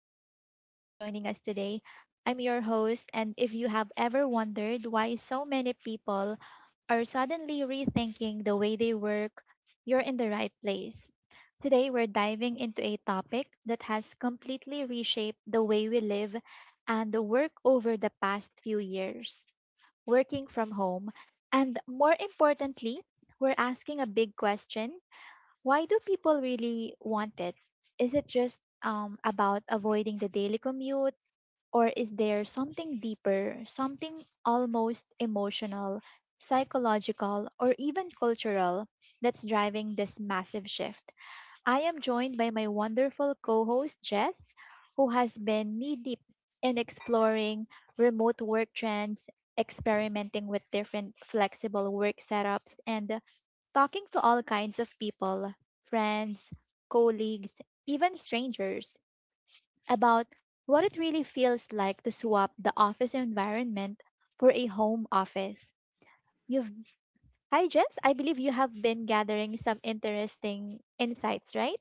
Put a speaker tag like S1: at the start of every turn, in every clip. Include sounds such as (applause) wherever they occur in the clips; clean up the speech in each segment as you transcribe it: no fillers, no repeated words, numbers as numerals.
S1: I'm so glad you're joining us today. I'm your host, and if you have ever wondered why so many people are suddenly rethinking the way they work, you're in the right place. Today, we're diving into a topic that has completely reshaped the way we live and the work over the past few years, working from home. And more importantly, we're asking a big question: why do people really want it? Is it just about avoiding the daily commute, or is there something deeper, something almost emotional, psychological, or even cultural that's driving this massive shift? I am joined by my wonderful co host, Jess, who has been knee deep in exploring remote work trends, experimenting with different flexible work setups, and talking to all kinds of people: friends, colleagues, even strangers, about what it really feels like to swap the office environment for a home office. You've Hi Jess, I believe you have been gathering some interesting insights, right?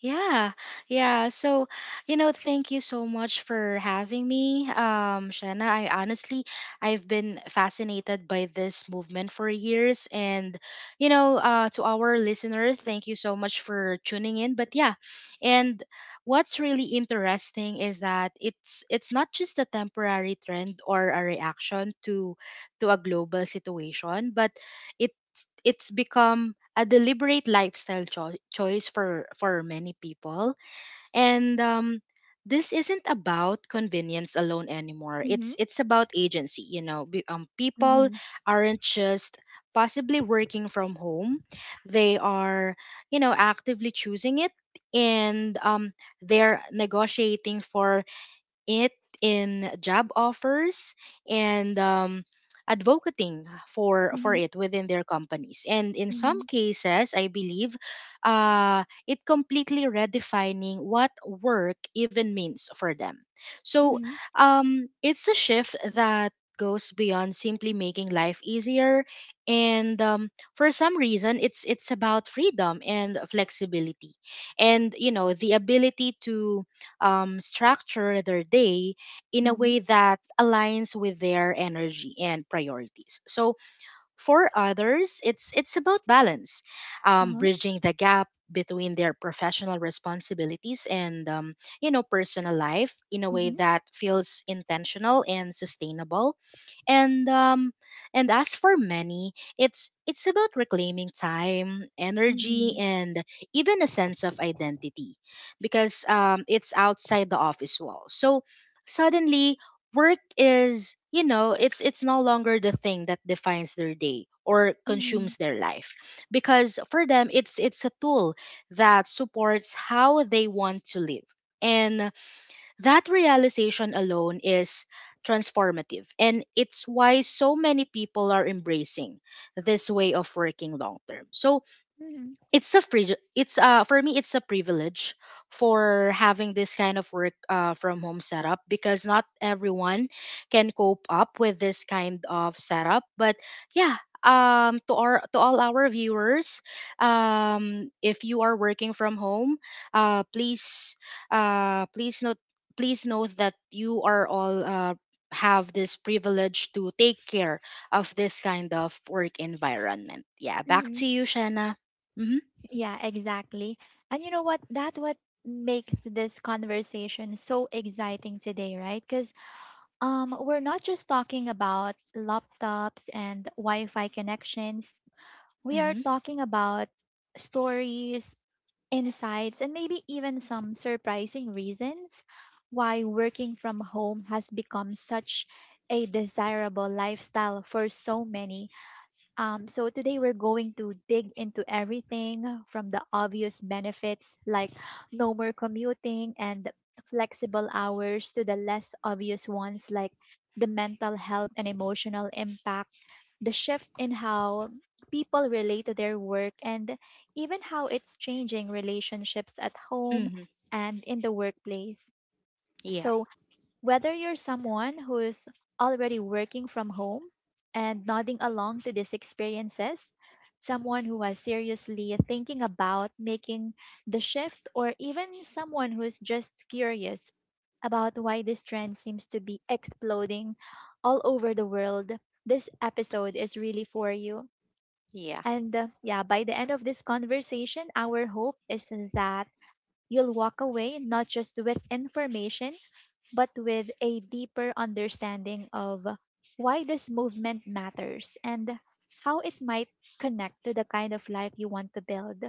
S2: Yeah, yeah. So, Thank you so much for having me, Shanna. I've been fascinated by this movement for years, and to our listener, thank you so much for tuning in. But yeah, and what's really interesting is that it's not just a temporary trend or a reaction to a global situation, but it it's become a deliberate lifestyle choice for many people, and this isn't about convenience alone anymore.
S1: Mhm.
S2: It's about agency, you know. People
S1: Mhm.
S2: aren't just possibly working from home, they are, you know, actively choosing it, and they're negotiating for it in job offers, and advocating for
S1: Mhm.
S2: it within their companies, and in some
S1: Mhm.
S2: cases I believe it completely redefining what work even means for them. so
S1: Mhm.
S2: um, it's a shift that goes beyond simply making life easier, and for some reason it's about freedom and flexibility, and you know, the ability to structure their day in a
S1: Mhm.
S2: way that aligns with their energy and priorities. So for others, it's about balance,
S1: Uh-huh.
S2: bridging the gap between their professional responsibilities and, you know, personal life in a way
S1: Mhm.
S2: that feels intentional and sustainable. And um and as for many, it's about reclaiming time, energy,
S1: Mhm.
S2: and even a sense of identity, because it's outside the office wall. So suddenly work is, you know, it's no longer the thing that defines their day or
S1: Mhm.
S2: consumes their life, because for them it's a tool that supports how they want to live. And that realization alone is transformative, and it's why so many people are embracing this way of working long term. So
S1: Mhm.
S2: it's a free it's, for me, it's a privilege for having this kind of work, from home setup, because not everyone can cope up with this kind of setup. But yeah, to our, to all our viewers, if you are working from home, uh please please note, please note that you are all, have this privilege to take care of this kind of work environment. Yeah, back
S1: Mhm.
S2: to you, Shanna. Mhm.
S1: Yeah, exactly. And you know what? That what makes this conversation so exciting today, right? Because we're not just talking about laptops and Wi-Fi connections. We are
S2: Mhm.
S1: talking about stories, insights, and maybe even some surprising reasons why working from home has become such a desirable lifestyle for so many. So today we're going to dig into everything from the obvious benefits like no more commuting and flexible hours to the less obvious ones like the mental health and emotional impact, the shift in how people relate to their work, and even how it's changing relationships at home
S2: Mhm.
S1: and in the workplace.
S2: Yeah.
S1: So, whether you're someone who's already working from home and nodding along to these experiences, someone who was seriously thinking about making the shift, or even someone who's just curious about why this trend seems to be exploding all over the world, this episode is really for you.
S2: Yeah.
S1: And yeah, by the end of this conversation, our hope is that you'll walk away not just with information but with a deeper understanding of why this movement matters and how it might connect to the kind of life you want to build.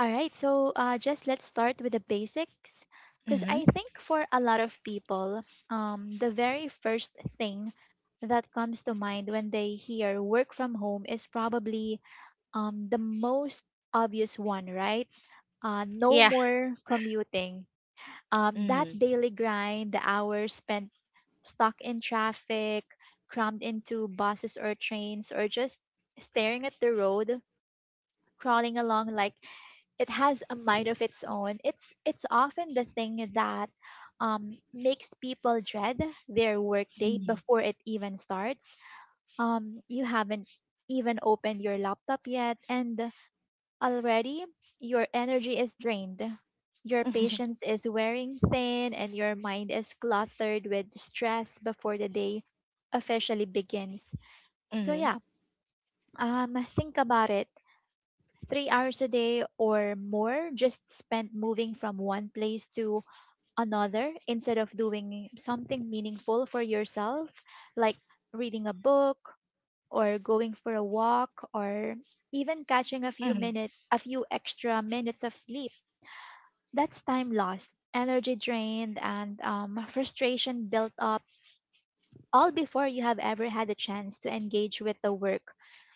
S1: All right, so just let's start with the basics. Because
S2: Mhm.
S1: I think for a lot of people, the very first thing that comes to mind when they hear work from home is probably the most obvious one, right? No
S2: Yeah.
S1: more commuting, that
S2: Mhm.
S1: daily grind, the hours spent stuck in traffic, crammed into buses or trains, or just staring at the road, crawling along like it has a mind of its own. It's often the thing that makes people dread their workday
S2: Mhm.
S1: before it even starts. You haven't even opened your laptop yet, and already, your energy is drained, your
S2: Mhm.
S1: patience is wearing thin, and your mind is cluttered with stress before the day officially begins. So,
S2: Mhm.
S1: yeah, think about it. 3 hours a day or more just spent moving from one place to another instead of doing something meaningful for yourself, like reading a book or going for a walk or even catching a few
S2: Mhm. (laughs)
S1: minutes, a few extra minutes of sleep. That's time lost, energy drained, and frustration built up, all before you have ever had a chance to engage with the work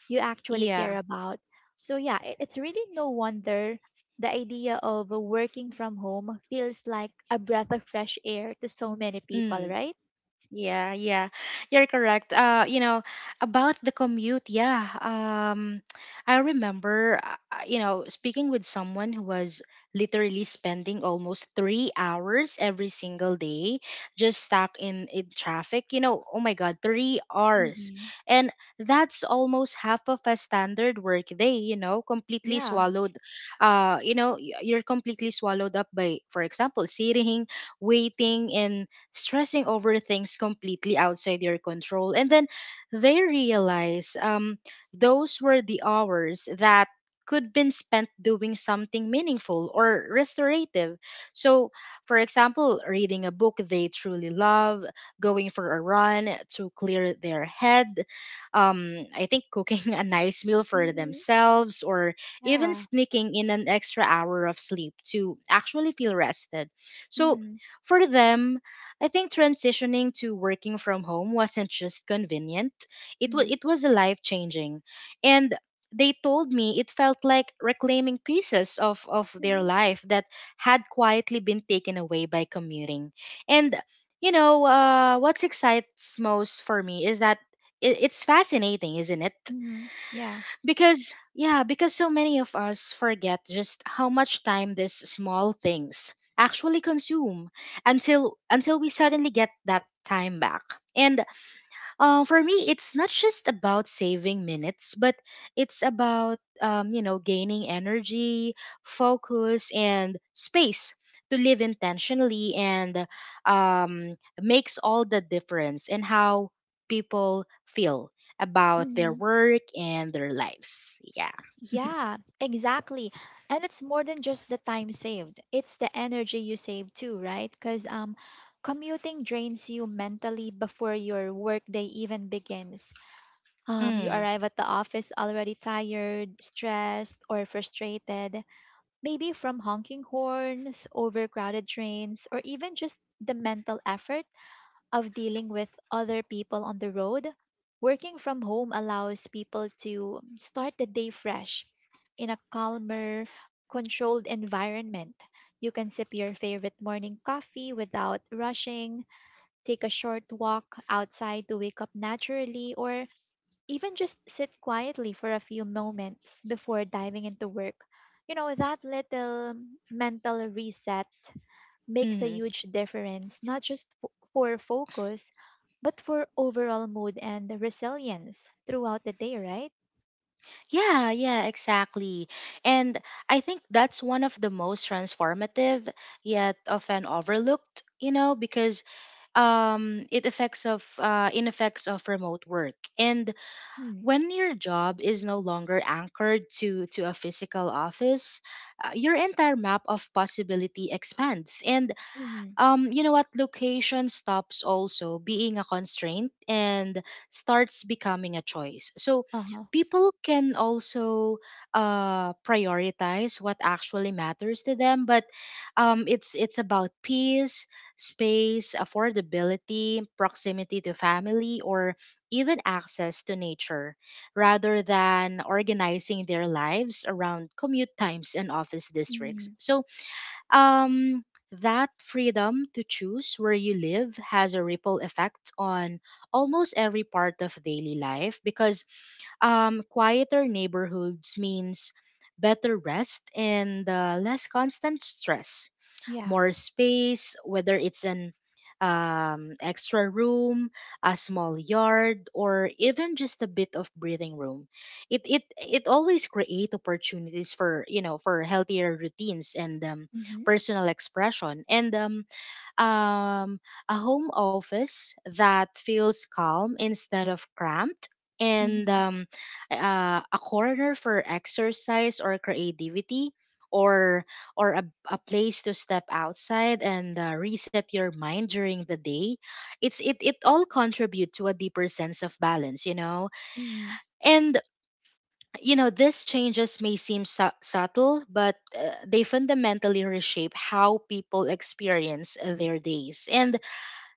S1: you actually
S2: Yeah.
S1: care about. So, yeah, it's really no wonder the idea of working from home feels like a breath of fresh air to so many people,
S2: Mm.
S1: right?
S2: Yeah, yeah, you're correct. About the commute, yeah. I remember, speaking with someone who was literally spending almost 3 hours every single day just stuck in traffic. You know, oh my God, 3 hours,
S1: Mm-hmm.
S2: and that's almost half of a standard work day. You know, completely
S1: Yeah.
S2: swallowed. You're completely swallowed up by, for example, sitting, waiting, and stressing over things completely outside your control. And then they realize, those were the hours that could been spent doing something meaningful or restorative. So, for example, reading a book they truly love, going for a run to clear their head, I think cooking (laughs) a nice meal for
S1: Mm-hmm.
S2: themselves, or even
S1: Yeah.
S2: sneaking in an extra hour of sleep to actually feel rested. So,
S1: Mm-hmm.
S2: for them, I think transitioning to working from home wasn't just convenient, it, was
S1: Mm-hmm.
S2: it was life changing. And they told me it felt like reclaiming pieces of their
S1: Mm-hmm.
S2: life that had quietly been taken away by commuting. And, what excites most for me is that it's fascinating, isn't it?
S1: Mm-hmm. Yeah.
S2: Because, yeah, because so many of us forget just how much time these small things actually consume until we suddenly get that time back. And for me, it's not just about saving minutes, but it's about, you know, gaining energy, focus, and space to live intentionally, and makes all the difference in how people feel about their work and their lives. Yeah. (laughs)
S1: Yeah, exactly. And it's more than just the time saved. It's the energy you save too, right? Because commuting drains you mentally before your workday even begins. You
S2: Mm,
S1: arrive at the office already tired, stressed, or frustrated, maybe from honking horns, overcrowded trains, or even just the mental effort of dealing with other people on the road. Working from home allows people to start the day fresh in a calmer, controlled environment. You can sip your favorite morning coffee without rushing, take a short walk outside to wake up naturally, or even just sit quietly for a few moments before diving into work. You know, that little mental reset makes a
S2: hmm.
S1: huge difference, not just for focus, but for overall mood and the resilience throughout the day, right?
S2: Yeah, exactly. And I think that's one of the most transformative yet often overlooked, you know, because it affects of in effects of remote work. And when your job is no longer anchored to a physical office, your entire map of possibility expands. And
S1: Mm-hmm.
S2: you know what? Location stops also being a constraint and starts becoming a choice. So
S1: Uh huh.
S2: people can also prioritize what actually matters to them. But it's about peace, space, affordability, proximity to family, or even access to nature, rather than organizing their lives around commute times and office districts.
S1: Mm-hmm.
S2: So, um, that freedom to choose where you live has a ripple effect on almost every part of daily life, because, quieter neighborhoods means better rest and, less constant stress,
S1: Yeah.
S2: more space, whether it's an extra room, a small yard, or even just a bit of breathing room. It always create opportunities for, you know, for healthier routines and,
S1: Mm-hmm.
S2: personal expression. And um, a home office that feels calm instead of cramped, and,
S1: Mm-hmm.
S2: a corner for exercise or creativity, or or a, a place to step outside and, reset your mind during the day. It all contribute to a deeper sense of balance, you know.
S1: Mm-hmm.
S2: And you know, these changes may seem subtle, but, they fundamentally reshape how people experience their days. And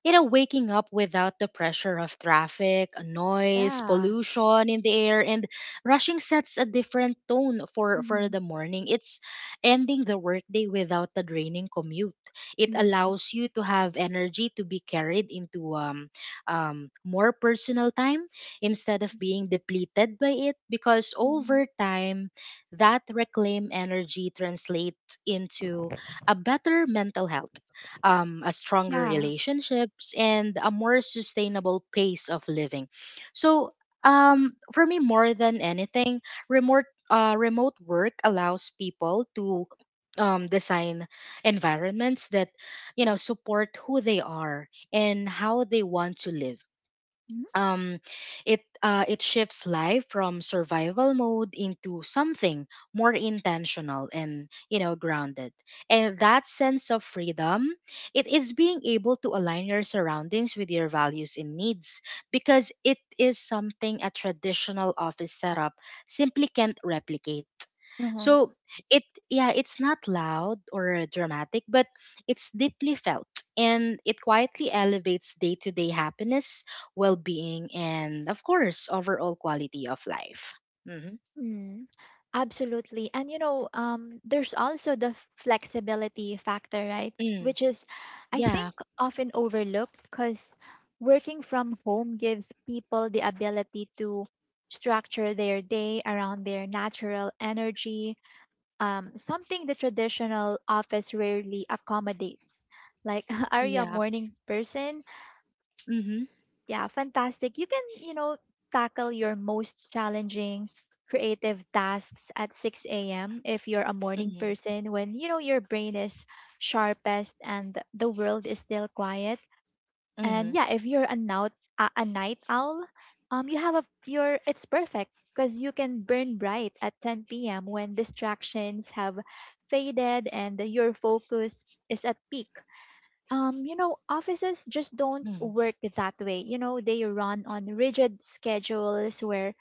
S2: you know, waking up without the pressure of traffic, noise,
S1: Yeah.
S2: pollution in the air, and rushing sets a different tone for the
S1: Mm-hmm.
S2: morning. It's ending the workday without a draining commute. It
S1: Mm-hmm.
S2: allows you to have energy to be carried into, more personal time instead of being depleted by it, because
S1: Mm-hmm.
S2: over time, that reclaim energy translates into a better mental health, a stronger
S1: Yeah.
S2: relationships, and a more sustainable pace of living. So, for me, more than anything, remote work allows people to, design environments that, you know, support who they are and how they want to live.
S1: Mm-hmm.
S2: um it shifts life from survival mode into something more intentional, and you know, grounded. And that sense of freedom, it is being able to align your surroundings with your values and needs, because it is something a traditional office setup simply can't replicate.
S1: Uh
S2: So it yeah, it's not loud or dramatic, but it's deeply felt, and it quietly elevates day-to-day happiness, well-being, and of course, overall quality of life. Mhm.
S1: huh. Absolutely. And you know, there's also the flexibility factor, right?
S2: Mm.
S1: Which is, I think,
S2: Yeah.
S1: often overlooked because working from home gives people the ability to structure their day around their natural energy, something the traditional office rarely accommodates. Like, (laughs) are you a
S2: Yeah.
S1: morning person?
S2: Mhm.
S1: Yeah, fantastic. You can, you know, tackle your most challenging creative tasks at 6 a.m. if you're a morning
S2: Mhm.
S1: person, when, you know, your brain is sharpest and the world is still quiet. And
S2: Mhm.
S1: yeah, if you're a night owl, you have a your it's perfect because you can burn bright at 10 p.m. when distractions have faded and your focus is at peak. You know, offices just don't
S2: Mhm.
S1: work that way. You know, they run on rigid schedules where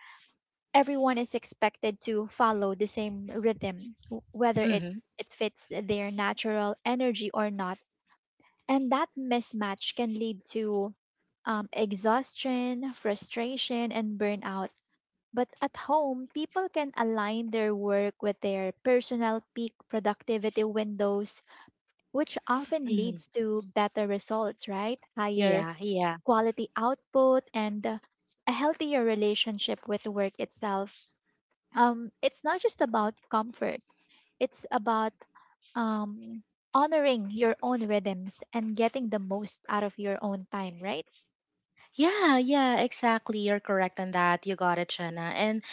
S1: everyone is expected to follow the same rhythm, whether
S2: Mhm.
S1: it fits their natural energy or not. And that mismatch can lead to exhaustion, frustration, and burnout. But at home, people can align their work with their personal peak productivity windows, which often
S2: Mhm.
S1: leads to better results, right? Higher
S2: Yeah, yeah.
S1: quality output, and a healthier relationship with work itself. It's not just about comfort, it's about um, honoring your own rhythms and getting the most out of your own time, right?
S2: Yeah, exactly. You're correct on that. You got it, Shanna. And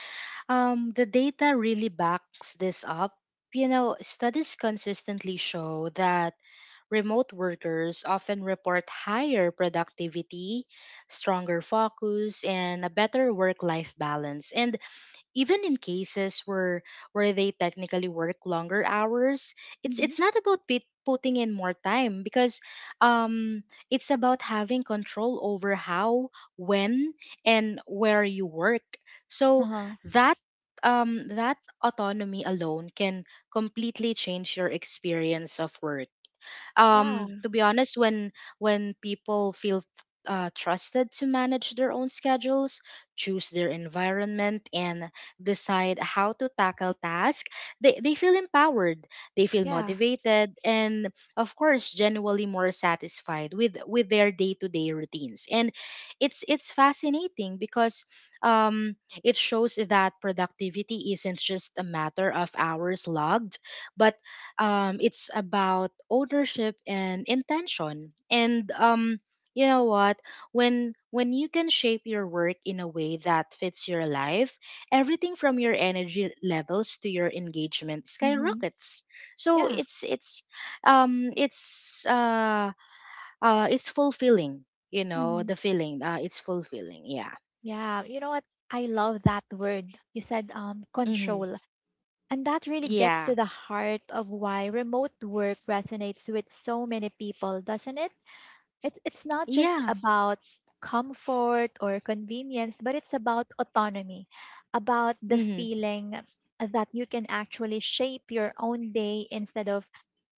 S2: The data really backs this up. You know, studies consistently show that remote workers often report higher productivity, stronger focus, and a better work life balance. And even in cases where they technically work longer hours, it's
S1: Mhm.
S2: it's not about putting in more time, because um it's about having control over how, when, and where you work. So
S1: Uh-huh.
S2: that um that autonomy alone can completely change your experience of work.
S1: Yeah.
S2: To be honest, when people feel, trusted to manage their own schedules, choose their environment, and decide how to tackle tasks, they feel empowered, they feel
S1: Yeah.
S2: motivated, and of course, genuinely more satisfied with their day-to-day routines. And it's fascinating, because, um, it shows that productivity isn't just a matter of hours logged, but, it's about ownership and intention. And, you know what, when you can shape your work in a way that fits your life, everything from your energy levels to your engagement
S1: Mm-hmm.
S2: skyrockets. So
S1: Yeah.
S2: um it's uh it's fulfilling, you know,
S1: Mm-hmm.
S2: the feeling, it's fulfilling, yeah.
S1: Yeah. You know what? I love that word. You said
S2: Mm-hmm.
S1: control. And that really
S2: Yeah.
S1: gets to the heart of why remote work resonates with so many people, doesn't it? It's not just
S2: Yeah.
S1: about comfort or convenience, but it's about autonomy, about the
S2: Mm-hmm.
S1: feeling that you can actually shape your own day instead of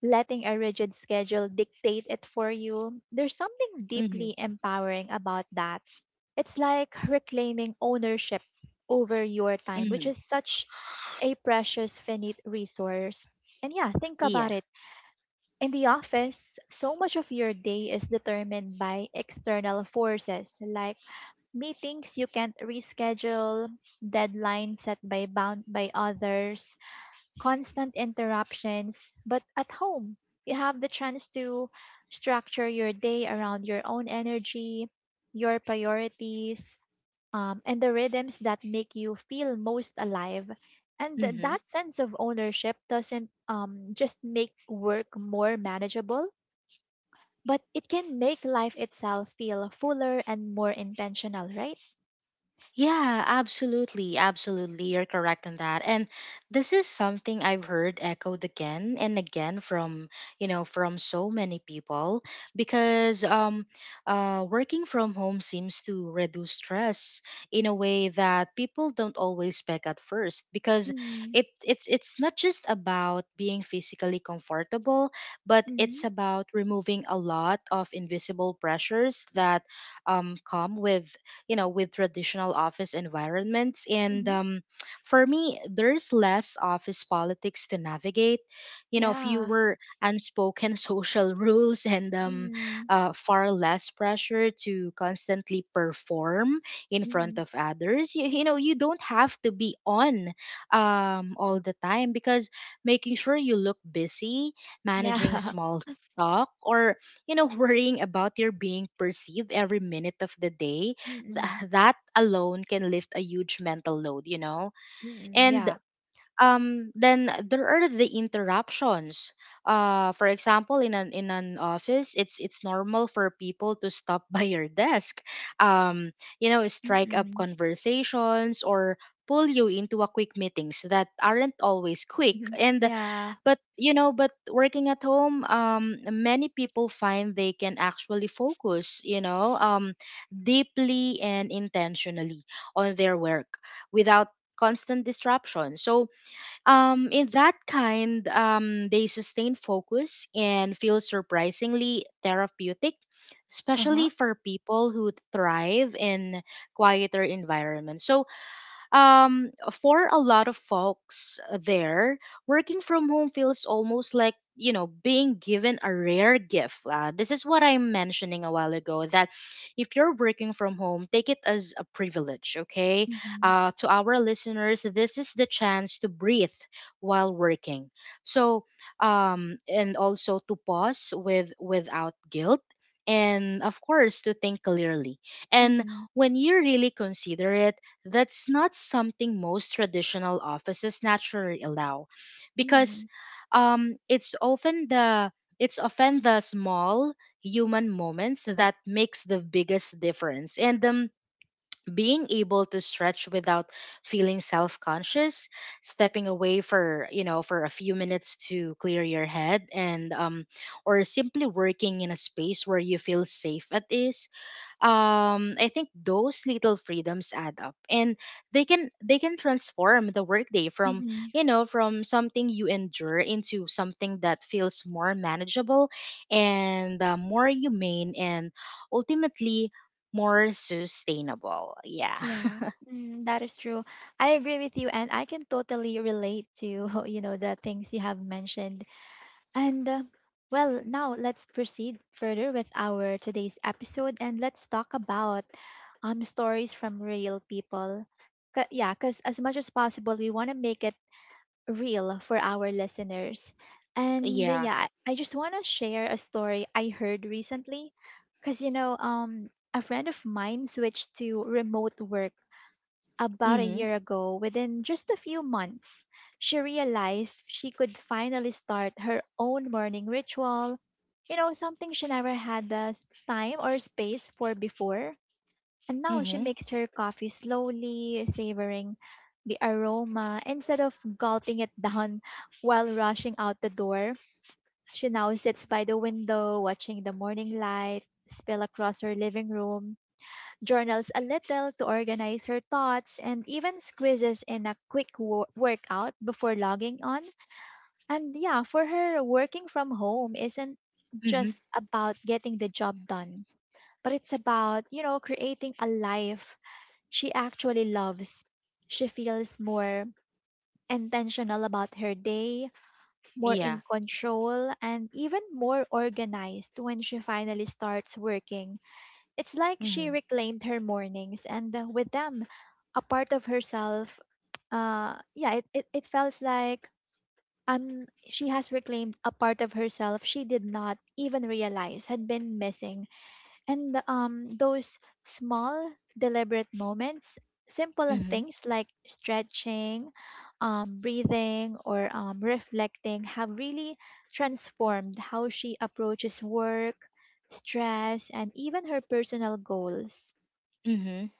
S1: letting a rigid schedule dictate it for you. There's something
S2: Mm-hmm.
S1: deeply empowering about that. It's like reclaiming ownership over your time,
S2: Mm-hmm.
S1: which is such a precious, finite resource. And yeah, think
S2: Yeah.
S1: about it: in the office, so much of your day is determined by external forces like meetings you can't reschedule, deadlines set by bound by others, constant interruptions. But at home, you have the chance to structure your day around your own energy, your priorities, and the rhythms that make you feel most alive. And
S2: Mm-hmm.
S1: that sense of ownership doesn't just make work more manageable, but it can make life itself feel fuller and more intentional, right?
S2: Yeah, absolutely. Absolutely. You're correct on that. And this is something I've heard echoed again and again from, you know, from so many people, because, working from home seems to reduce stress in a way that people don't always pick at first, because
S1: Mm-hmm.
S2: it's not just about being physically comfortable, but
S1: Mm-hmm.
S2: it's about removing a lot of invisible pressures that, come with, you know, with traditional office environments. And,
S1: Mm-hmm.
S2: for me there's less office politics to navigate, you know,
S1: Yeah.
S2: fewer unspoken (laughs) social rules, and,
S1: Mm-hmm.
S2: far less pressure to constantly perform in front
S1: Mm-hmm.
S2: of others. You know, you don't have to be on, all the time, because making sure you look busy, managing
S1: Yeah. (laughs)
S2: small talk, or, you know, (laughs) worrying about your being perceived every minute of the day.
S1: Mm-hmm.
S2: Th- that alone can lift a huge mental load, you know?
S1: Mm-hmm.
S2: And,
S1: Yeah.
S2: then there are the interruptions. For example, in an office, it's normal for people to stop (laughs) by your desk, um, you know, strike up
S1: Mm-hmm.
S2: conversations or pull you into a quick meetings that aren't always quick.
S1: Mm-hmm.
S2: And
S1: Yeah.
S2: but you know but working at home, many people find they can actually focus, deeply and intentionally on their work without constant disruption. So in that kind, they sustain focus and feel surprisingly therapeutic,
S1: Uh-huh.
S2: especially for people who thrive in quieter environments. So for a lot of folks there, working from home feels almost like, being given a rare gift. This is what I'm mentioning a while ago, that if you're working from home, take it as a privilege, okay?
S1: Mm-hmm.
S2: To our listeners, this is the chance to breathe while working. so and also to pause without guilt, and of course to think clearly. And
S1: Mm-hmm.
S2: when you really consider it, that's not something most traditional offices naturally allow,
S1: Mm-hmm.
S2: because um, it's often the it's often the small human moments that makes the biggest difference. And Being able to stretch without feeling self-conscious, stepping away for for a few minutes to clear your head, and or simply working in a space where you feel safe at ease. I think those little freedoms add up, and they can transform the workday from
S1: Mm-hmm.
S2: from something you endure into something that feels more manageable, and more humane, and ultimately more sustainable. Yeah.
S1: Yeah.
S2: (laughs)
S1: Mm, that is true. I agree with you, and I can totally relate to, (laughs) you know, the things you have mentioned. And well, now let's proceed further with our today's episode and let's talk about stories from real people. Ca Yeah, because as much as possible, we want to make it real for our listeners. And
S2: Yeah.
S1: yeah, I just want to share a story I heard recently, because you know, a friend of mine switched to remote work about a
S2: Mhm.
S1: year ago. Within just a few months, she realized she could finally start her own morning ritual. You know, something she never had the time or space for before, and now she
S2: Mhm.
S1: makes her coffee slowly, savoring the aroma. Instead of gulping it down (laughs) while rushing out the door, she now sits by the window, watching the morning light spill across her living room, journals a little to organize her thoughts, and even squeezes in a quick workout before logging on. And yeah, for her, working from home isn't
S2: Mhm.
S1: just about getting the job done, but it's about, you know, creating a life she actually loves. She feels more intentional about her day, more
S2: Yeah.
S1: in control, and even more organized when she finally starts working. It's like she
S2: Mhm.
S1: reclaimed her mornings, and with them, a part of herself. Yeah, it felt like she has reclaimed a part of herself she did not even realize had been missing, and those small, deliberate moments, simple things like stretching, breathing, or reflecting have really transformed how she approaches work, stress, and even her personal goals.
S2: Mhm.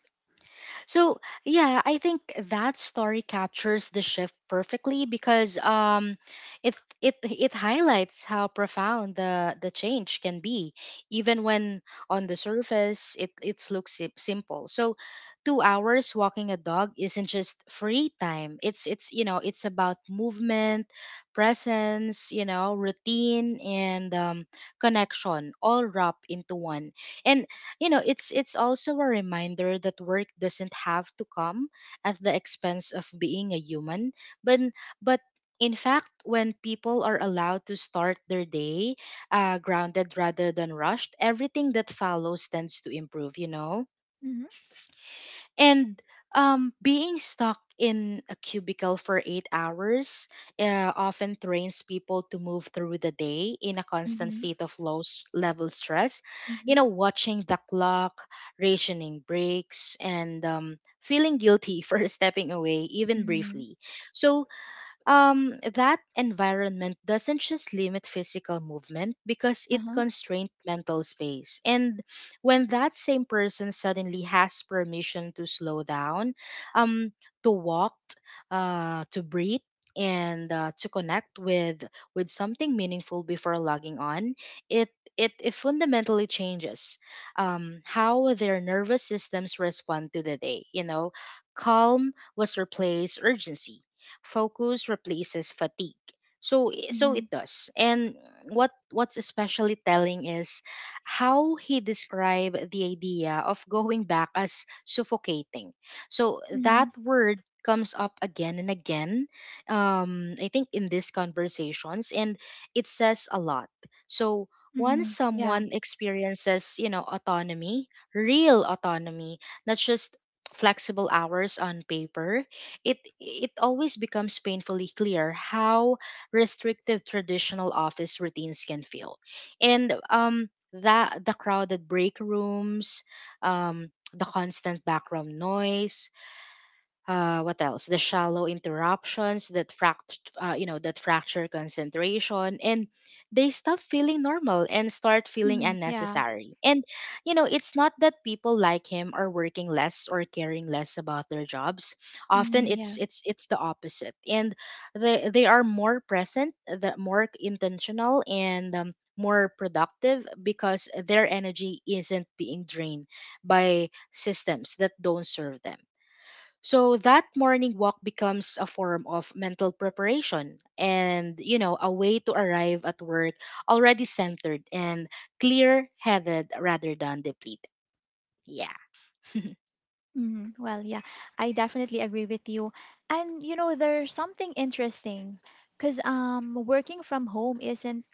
S2: So yeah, I think that story captures the shift perfectly because, it it highlights how profound the change can be, even when on the surface it looks simple. So, 2 hours walking a dog isn't just free time. It's it's about movement, presence, routine, and connection, all wrapped into one. And it's also a reminder that work doesn't have to come at the expense of being a human, but but in fact when people are allowed to start their day grounded rather than rushed, everything that follows tends to improve, you know.
S1: Mm-hmm.
S2: And Being stuck in a cubicle for 8 hours often trains people to move through the day in a constant
S1: Mm-hmm.
S2: state of low level stress. You
S1: Mm-hmm.
S2: know, watching the clock, rationing breaks, and feeling guilty (laughs) for stepping away, even
S1: Mm-hmm.
S2: briefly. So, that environment doesn't just limit physical movement because it
S1: Uh-huh.
S2: constrains mental space. And when that same person suddenly has permission to slow down, um, to walk, to breathe, and to connect with something meaningful before logging on, it it fundamentally changes how their nervous systems respond to the day. You know, calm was replaced urgency, focus replaces fatigue. So it
S1: Mm-hmm.
S2: does. And what's especially telling is how he described the idea of going back as suffocating. So that
S1: Mm-hmm.
S2: word comes up again and again, I think, in these conversations, and it says a lot. So once
S1: Mm-hmm. Yeah.
S2: someone experiences, you know, autonomy, real autonomy, not just flexible hours on paper, it always becomes painfully clear how restrictive traditional office routines can feel. And that the crowded break rooms, the constant background noise, what else? The shallow interruptions that that fracture concentration, and they stop feeling normal and start feeling
S1: Mm-hmm. Yeah.
S2: unnecessary. And you know, it's not that people like him are working less or caring less about their jobs. Often,
S1: Mm-hmm.
S2: it's
S1: Yeah.
S2: it's it's the opposite, and they are more present, the more intentional, and more productive because their energy isn't being drained by systems that don't serve them. So that morning walk becomes a form of mental preparation and, you know, a way to arrive at work already centered and clear headed rather than depleted. Yeah. (laughs)
S1: Mhm. Well, yeah, I definitely agree with you. And you know, there's something interesting because working from home isn't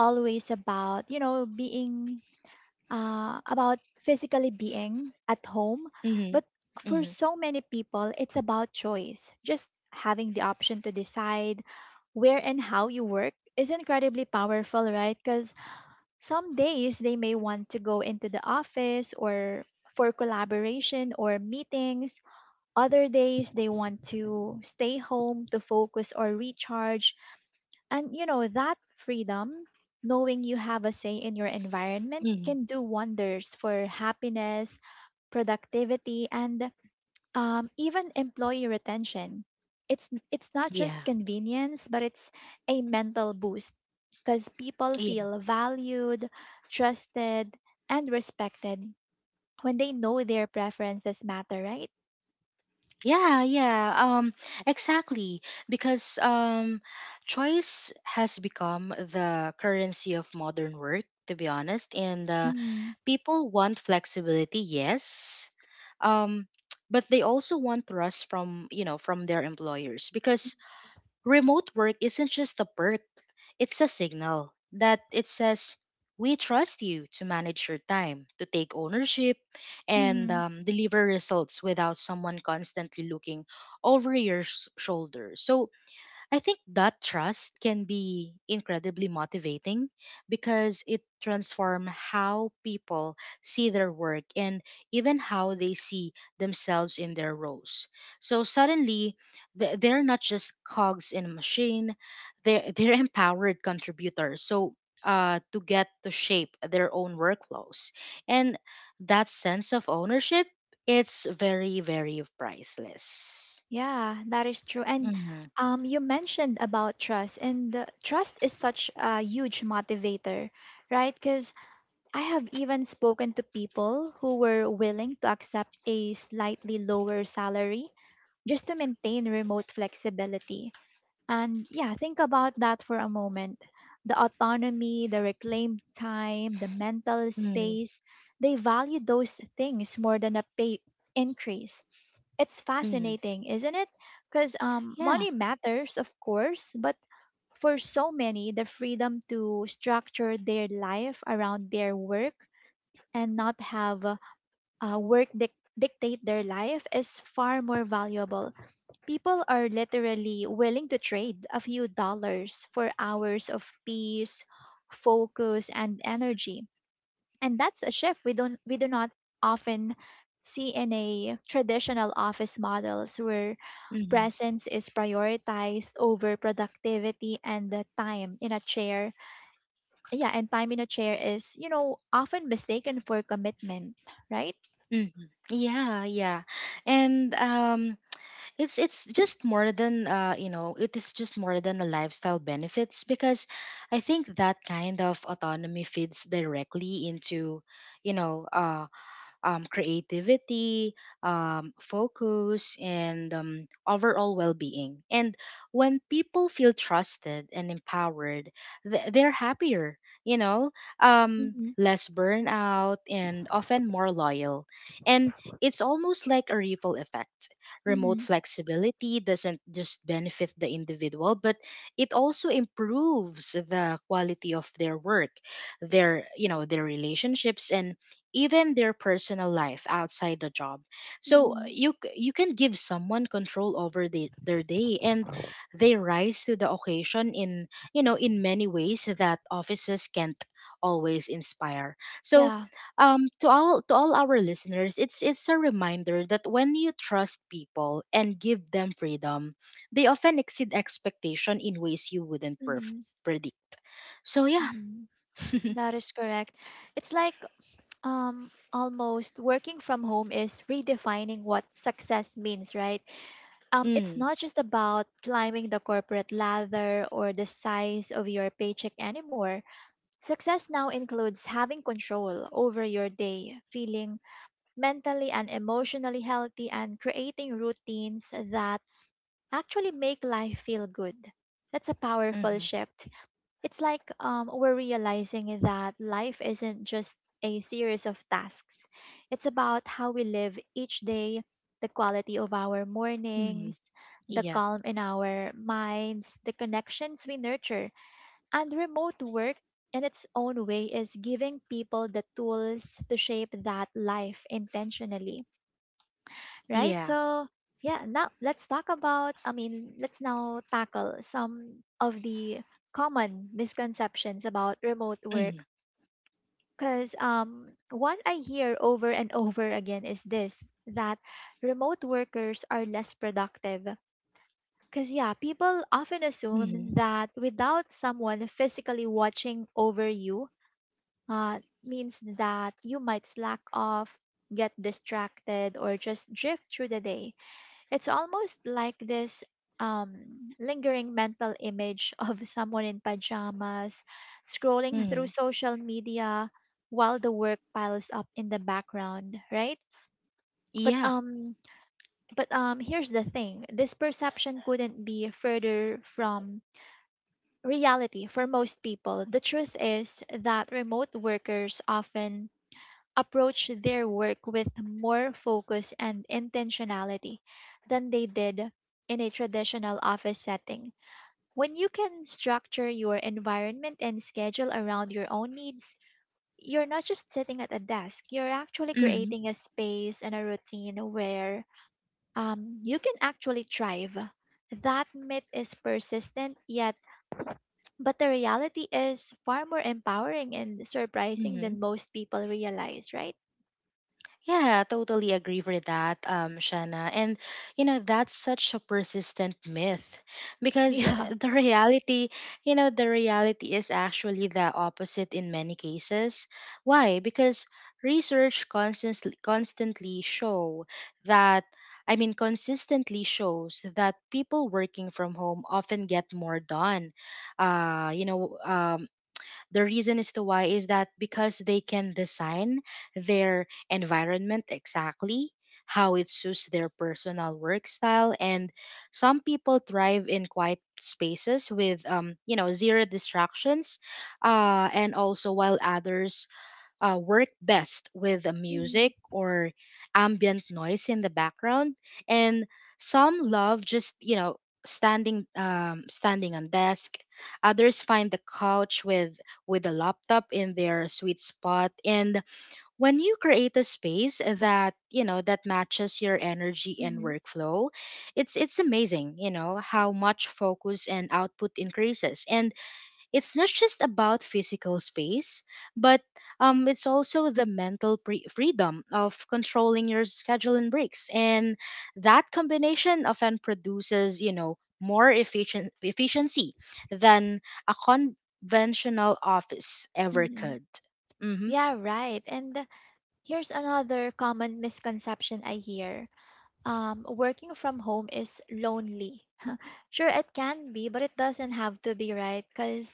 S1: always about, you know, being about physically being at home,
S2: Hmm.
S1: but for
S2: Hmm.
S1: so many people, it's about choice. Just having the option to decide where and how you work is incredibly powerful, right? Because some days they may want to go into the office or for collaboration or meetings other days, they want to stay home to focus or recharge. And, you know, that freedom, knowing you have a say in your environment,
S2: Hmm.
S1: can do wonders for happiness, productivity, and even employee retention. It's not
S2: Yeah.
S1: just convenience, but it's a mental boost because people feel valued, trusted, and respected when they know their preferences matter, right?
S2: Yeah, yeah, um, exactly. Because, choice has become the currency of modern work, to be honest. And
S1: Mm-hmm.
S2: People want flexibility, yes, um, but they also want trust from from their employers, because remote work isn't just a perk, it's a signal. That it says, we trust you to manage your time, to take ownership, and deliver results without someone constantly looking over your shoulder. So, I think that trust can be incredibly motivating because it transforms how people see their work and even how they see themselves in their roles. So suddenly, they're not just cogs in a machine, they're, (laughs) they're empowered contributors. So to get to shape their own workflows. And that sense of ownership, it's very, very priceless.
S1: Yeah, that is true. And
S2: Mhm.
S1: you mentioned about trust, and the trust is such a huge motivator, right? Because I have even spoken to people who were willing to accept a slightly lower salary just to maintain remote flexibility. And yeah, think about that for a moment. The autonomy, the reclaimed time, the mental
S2: Mm.
S1: space, they value those things more than a pay increase. It's
S2: Mm.
S1: fascinating, isn't it? Because money matters, of course, but for so many, the freedom to structure their life around their work and not have work dictate their life is far more valuable. People are literally willing to trade a few dollars for hours of peace, focus, and energy. And that's a shift we do not often see in a traditional office models where
S2: Mhm.
S1: presence is prioritized over productivity and the time in a chair. Yeah, and time in a chair is, you know, often mistaken for commitment, right?
S2: Mhm. Yeah, yeah. And it's just more than it is just more than a lifestyle benefits, because I think that kind of autonomy feeds directly into, you know, uh creativity, focus, and overall well being. And when people feel trusted and empowered, they're happier, you know,
S1: Mm-hmm.
S2: less burnout, and often more loyal. And it's almost like a ripple effect. Remote
S1: Mm-hmm.
S2: flexibility doesn't just benefit the individual, but it also improves the quality of their work, their their relationships, and even their personal life outside the job. So
S1: Mm-hmm.
S2: you can give someone control over their day, and they rise to the occasion in in many ways that offices can't always inspire. So
S1: Yeah.
S2: to all our listeners, it's a reminder that when you trust people and give them freedom, they often exceed expectation in ways you wouldn't
S1: Mm-hmm.
S2: predict. So yeah.
S1: Mm-hmm. That is correct. It's like almost working from home is redefining what success means, right? It's
S2: Mm.
S1: not just about climbing the corporate ladder or the size of your paycheck anymore. Success now includes having control over your day, feeling mentally and emotionally healthy, and creating routines that actually make life feel good. That's a powerful
S2: Mm-hmm.
S1: shift. It's like we're realizing that life isn't just a series of tasks, it's about how we live each day, the quality of our
S2: Mm-hmm.
S1: mornings, the
S2: Yeah.
S1: calm in our minds, the connections we nurture and remote work, in its own way, is giving people the tools to shape that life intentionally, right?
S2: Yeah.
S1: So, yeah, now let's talk about, I mean, let's now tackle some of the common misconceptions about remote
S2: Mm-hmm.
S1: work. Because one I hear over and over again is this that remote workers are less productive. Because, yeah, people often assume
S2: Mhm.
S1: that without someone physically watching over you, means that you might slack off, get distracted, or just drift through the day. It's almost like this um, lingering mental image (laughs) of someone in pajamas scrolling through
S2: Mhm.
S1: social media while the work piles up in the background, right? But
S2: Yeah.
S1: um but here's the thing. This perception couldn't be further from reality for most people. The truth is that remote workers often approach their work with more focus and intentionality than they did in a traditional office setting. When you can structure your environment and schedule around your own needs, you're not just sitting at a desk, you're actually
S2: Mhm.
S1: creating a space and a routine where you can actually thrive. That myth is persistent, yet, But the reality is far more empowering and surprising
S2: Mhm.
S1: than most people realize, right?
S2: Yeah, totally agree with that, Shanna. And you know, that's such a persistent myth because,
S1: (laughs)
S2: the (laughs) reality, the reality is actually the opposite in many cases. Why? Because research constantly constantly show that I mean consistently shows that people working from home often get more done. Uh, you know, um, The reason as to why is that because they can design their environment exactly how it suits their personal work style. And some people thrive in quiet spaces with zero distractions, and also while others work best with a
S1: Yeah.
S2: music or ambient noise in the background, and some love just, you know, standing on desk. Others find the couch with a laptop in their sweet spot, and when you create a space that that matches your energy and
S1: Mm-hmm.
S2: workflow, it's amazing, you know, how much focus and output increases. And it's not just about physical space, but it's also the mental freedom of controlling your schedule and breaks. And that combination often produces, you know, more efficient efficiency than a conventional office ever
S1: Mm-hmm.
S2: could. Mm-hmm.
S1: Yeah, right. And here's another common misconception I hear. Working from home is lonely. Sure, it can be, but it doesn't have to be, right? Because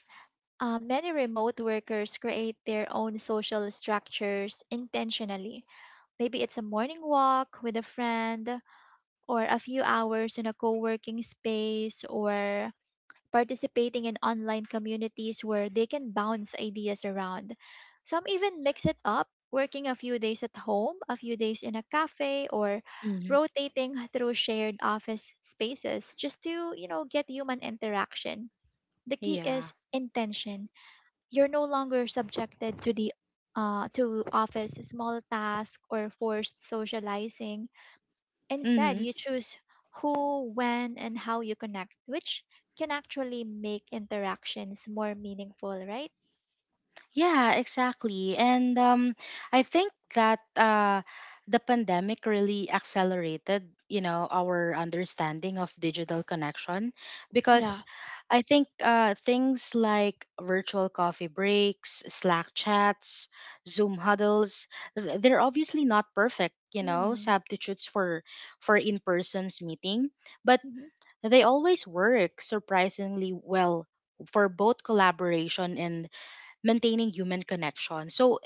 S1: many remote workers create their own social structures intentionally. Maybe it's a morning walk with a friend, or a few hours in a co working space, or participating in online communities where they can bounce ideas around. Some even mix it up, working a few days at home, a few days in a cafe, or
S2: Hmm.
S1: rotating through shared office spaces just to, you know, get human interaction. The key
S2: Yeah.
S1: is intention. You're no longer subjected to the to office small task or forced socializing. Instead,
S2: Mm-hmm.
S1: you choose who, when, and how you connect, which can actually make interactions more meaningful, right?
S2: Yeah, exactly. And I think that, the pandemic really accelerated, you know, our understanding of digital connection,
S1: Yeah.
S2: because I think, things like virtual coffee breaks, Slack chats, Zoom huddles, they're obviously not perfect, you know,
S1: Mm.
S2: substitutes for in-person's meeting, but
S1: Mm-hmm.
S2: they always work surprisingly well for both collaboration and maintaining human connection. So,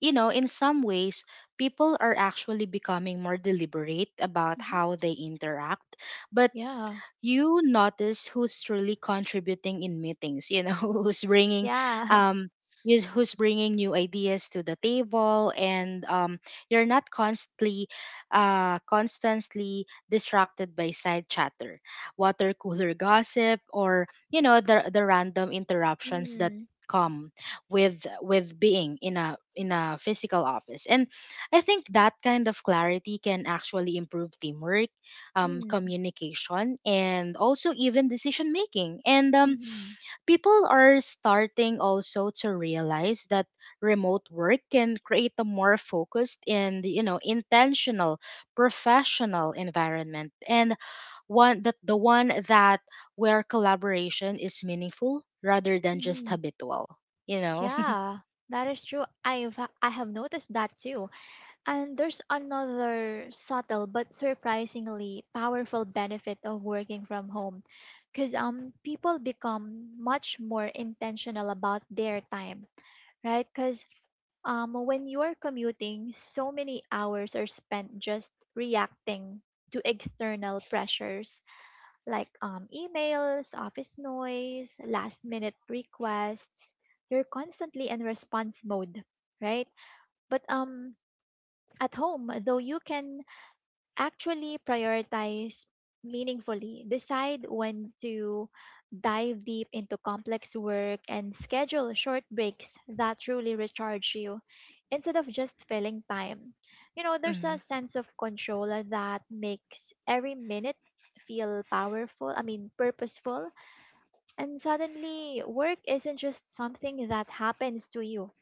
S2: you know, in some ways, people are actually becoming more deliberate about
S1: Mm-hmm.
S2: how they interact. But
S1: Yeah.
S2: you notice who's truly contributing in meetings, you know, (laughs) who's bringing
S1: Yeah. (laughs)
S2: um who's bringing new ideas to the table. And You're not constantly constantly distracted by side chatter, water cooler gossip, or you know the random interruptions that
S1: Mm.
S2: come with being in a physical office. And I think that kind of clarity can actually improve teamwork,
S1: Mm.
S2: communication, and also even decision making. And
S1: Mm-hmm.
S2: People are starting also to realize that remote work can create a more focused and, you know, intentional professional environment, and one that where collaboration is meaningful rather than just
S1: Mm-hmm.
S2: habitual, you know.
S1: Yeah. That is true. I have noticed that too. And there's another subtle but surprisingly powerful benefit of working from home because people become much more intentional about their time right? Because when you're commuting, so many hours are spent just reacting to external pressures like emails, office noise, last minute requests. You're constantly in response mode, right? But at home, though you can actually prioritize meaningfully, decide when to dive deep into complex work, and schedule short breaks that truly recharge you instead of just filling time. You know,
S2: (laughs)
S1: there's a
S2: Mhm.
S1: sense of control that makes every minute feel powerful, I mean, purposeful. And suddenly, work isn't just something that happens to you,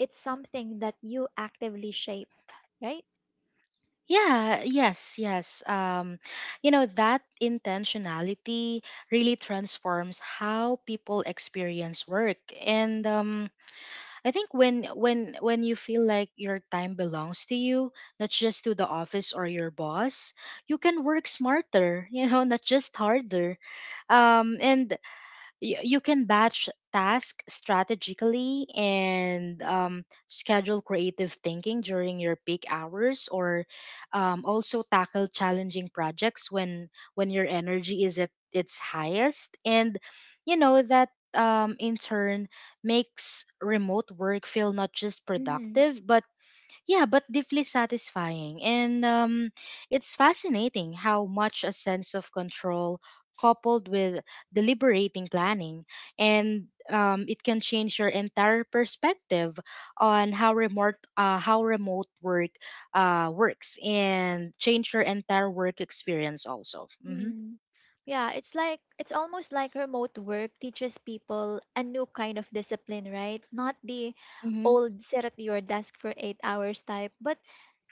S1: it's something that you actively shape, right?
S2: Yeah, yes, yes. Um, you know, that intentionality really transforms how people experience work. And I think when when you feel like your time belongs to you, not just to the office or your boss, you can work smarter, (laughs) you know, not just harder. Um, and you can batch tasks strategically, and schedule creative thinking during your peak hours, or also tackle challenging projects when your energy is at its highest. And you know that, in turn, makes remote work feel not just
S1: Mhm.
S2: productive but, yeah, but deeply satisfying. And It's fascinating how much a sense of control, coupled with deliberating planning, and it can change your entire perspective on how remote, how remote work works, and change your entire work experience also. Hmm.
S1: Hmm. Yeah, it's like it's almost like remote work teaches people a new kind of discipline, right? Not the
S2: Mm-hmm.
S1: old sit at your desk for 8 hours type, but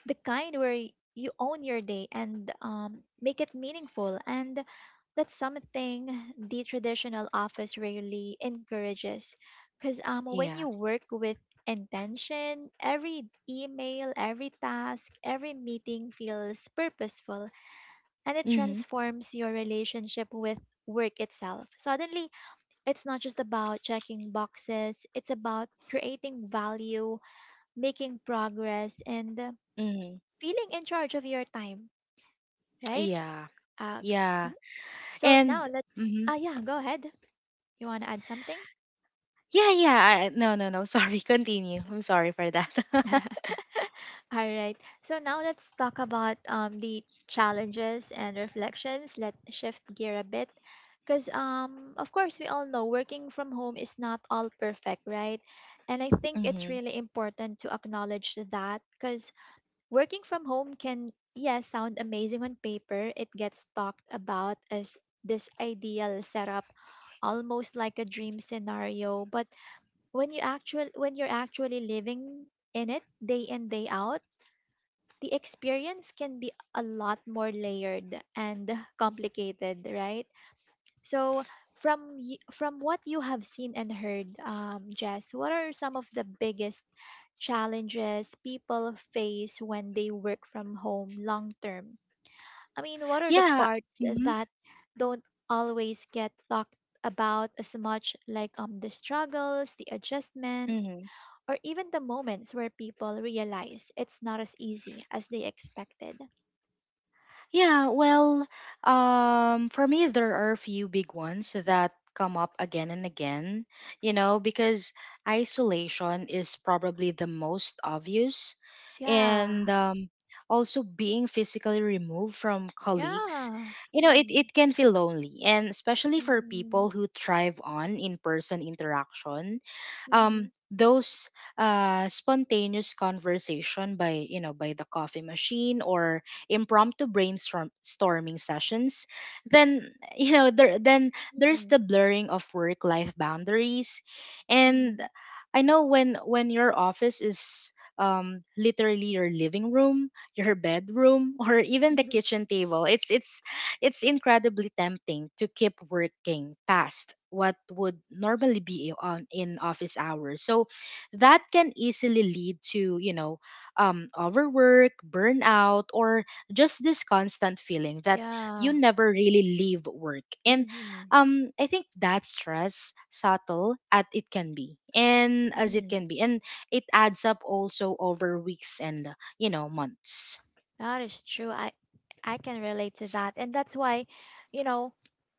S1: the kind where you own your day and make it meaningful. And that's something the traditional office really encourages. Because when you
S2: Yeah.
S1: work with intention, every email, every task, every meeting feels purposeful and it
S2: Mm-hmm.
S1: transforms your relationship with work itself. Suddenly, it's not just about checking boxes, it's about creating value, making progress, and
S2: Hmm.
S1: feeling in charge of your time, right?
S2: Yeah.
S1: Uh,
S2: Yeah.
S1: so now
S2: And
S1: let's,
S2: mhm.
S1: yeah, go ahead. You want to add something?
S2: Yeah, yeah. No, no, no. (laughs) Sorry. Continue. I'm sorry for that. (laughs)
S1: (laughs) All right. So now let's talk about the challenges and reflections. Let's shift gear a bit. Because, of course, we all know working from home is not all perfect, right? And I think it's
S2: Mhm.
S1: really important to acknowledge that because working from home can, yeah, sound amazing on paper. It gets talked about as this ideal setup, almost like a dream scenario. But when you're actually living in it day in day out the experience can be a lot more layered and complicated, right? So, from from what you have seen and heard, Jess, what are some of the biggest challenges people face when they work from home long term? I mean, what are the
S2: Yeah.
S1: parts
S2: Mhm.
S1: that don't always get talked about as much, like the struggles, the adjustment,
S2: Mhm.
S1: or even the moments where people realize it's not as easy as they expected?
S2: Yeah, well, for me, there are a few big ones that come up again and again, you know, because isolation is probably the most obvious.
S1: Yeah,
S2: And also being physically removed from colleagues,
S1: yeah.
S2: you know,
S1: Mm,
S2: it can feel lonely. And especially for people
S1: mhm,
S2: who thrive on in person interaction,
S1: mhm,
S2: those spontaneous conversation by, by the coffee machine or impromptu brainstorm storming sessions. Then (laughs) you know there then there's
S1: mhm,
S2: the blurring of work life boundaries, and
S1: mhm.
S2: I know when your office is literally your living room, your bedroom, (laughs) or even the
S1: (laughs)
S2: kitchen table, it's incredibly tempting to keep working past what would normally be on in office hours. So that can easily lead to, overwork, burnout, or just this constant feeling that you
S1: Yeah.
S2: never really leave work. And
S1: Mhm,
S2: I think that stress, subtle as it can be
S1: mhm.
S2: and it adds up also over weeks and, you know, months.
S1: That is true. I can relate to that. And that's why, you know,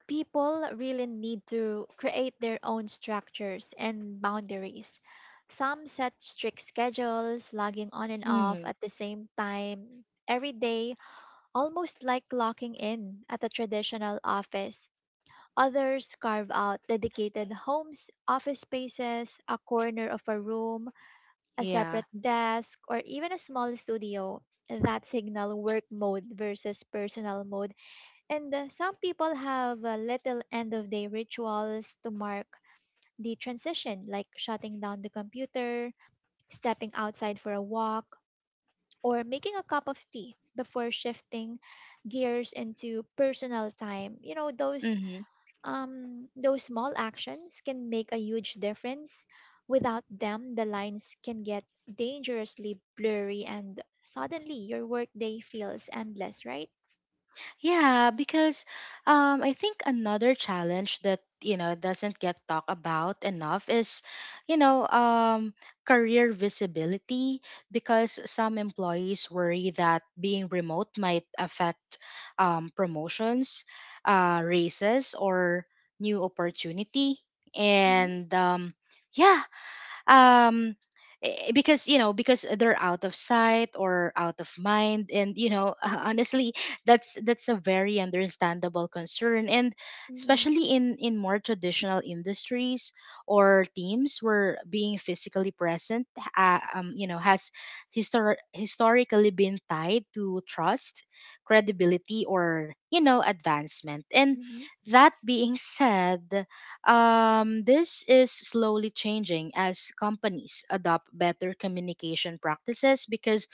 S1: people really need to create their own structures and boundaries. Some set strict schedules, logging on and off
S2: hmm
S1: at the same time every day, almost like locking in at a traditional office. Others carve out dedicated homes, office spaces, a corner of a room, a
S2: yeah.
S1: separate desk, or even a small studio that signal work mode versus personal mode. And some people have little end of day rituals to mark the transition, like shutting down the computer, stepping outside for a walk, or making a cup of tea before shifting gears into personal time. You know,
S2: Mm-hmm.
S1: those small actions can make a huge difference. Without them, the lines can get dangerously blurry, and suddenly your workday feels endless, right?
S2: Yeah, because I think another challenge that, you know, doesn't get talked about enough is, you know, um, career visibility. Because some employees worry that being remote might affect promotions, raises, or new opportunity.
S1: Mhm,
S2: And yeah, um because, you know, because they're out of sight or out of mind, and, you know, (laughs) honestly that's a very understandable concern, and
S1: mhm,
S2: especially in more traditional industries or teams where being physically present you know has historically been tied to trust, credibility, or, you know, advancement. And
S1: mhm,
S2: that being said, this is slowly changing as companies adopt better communication practices, because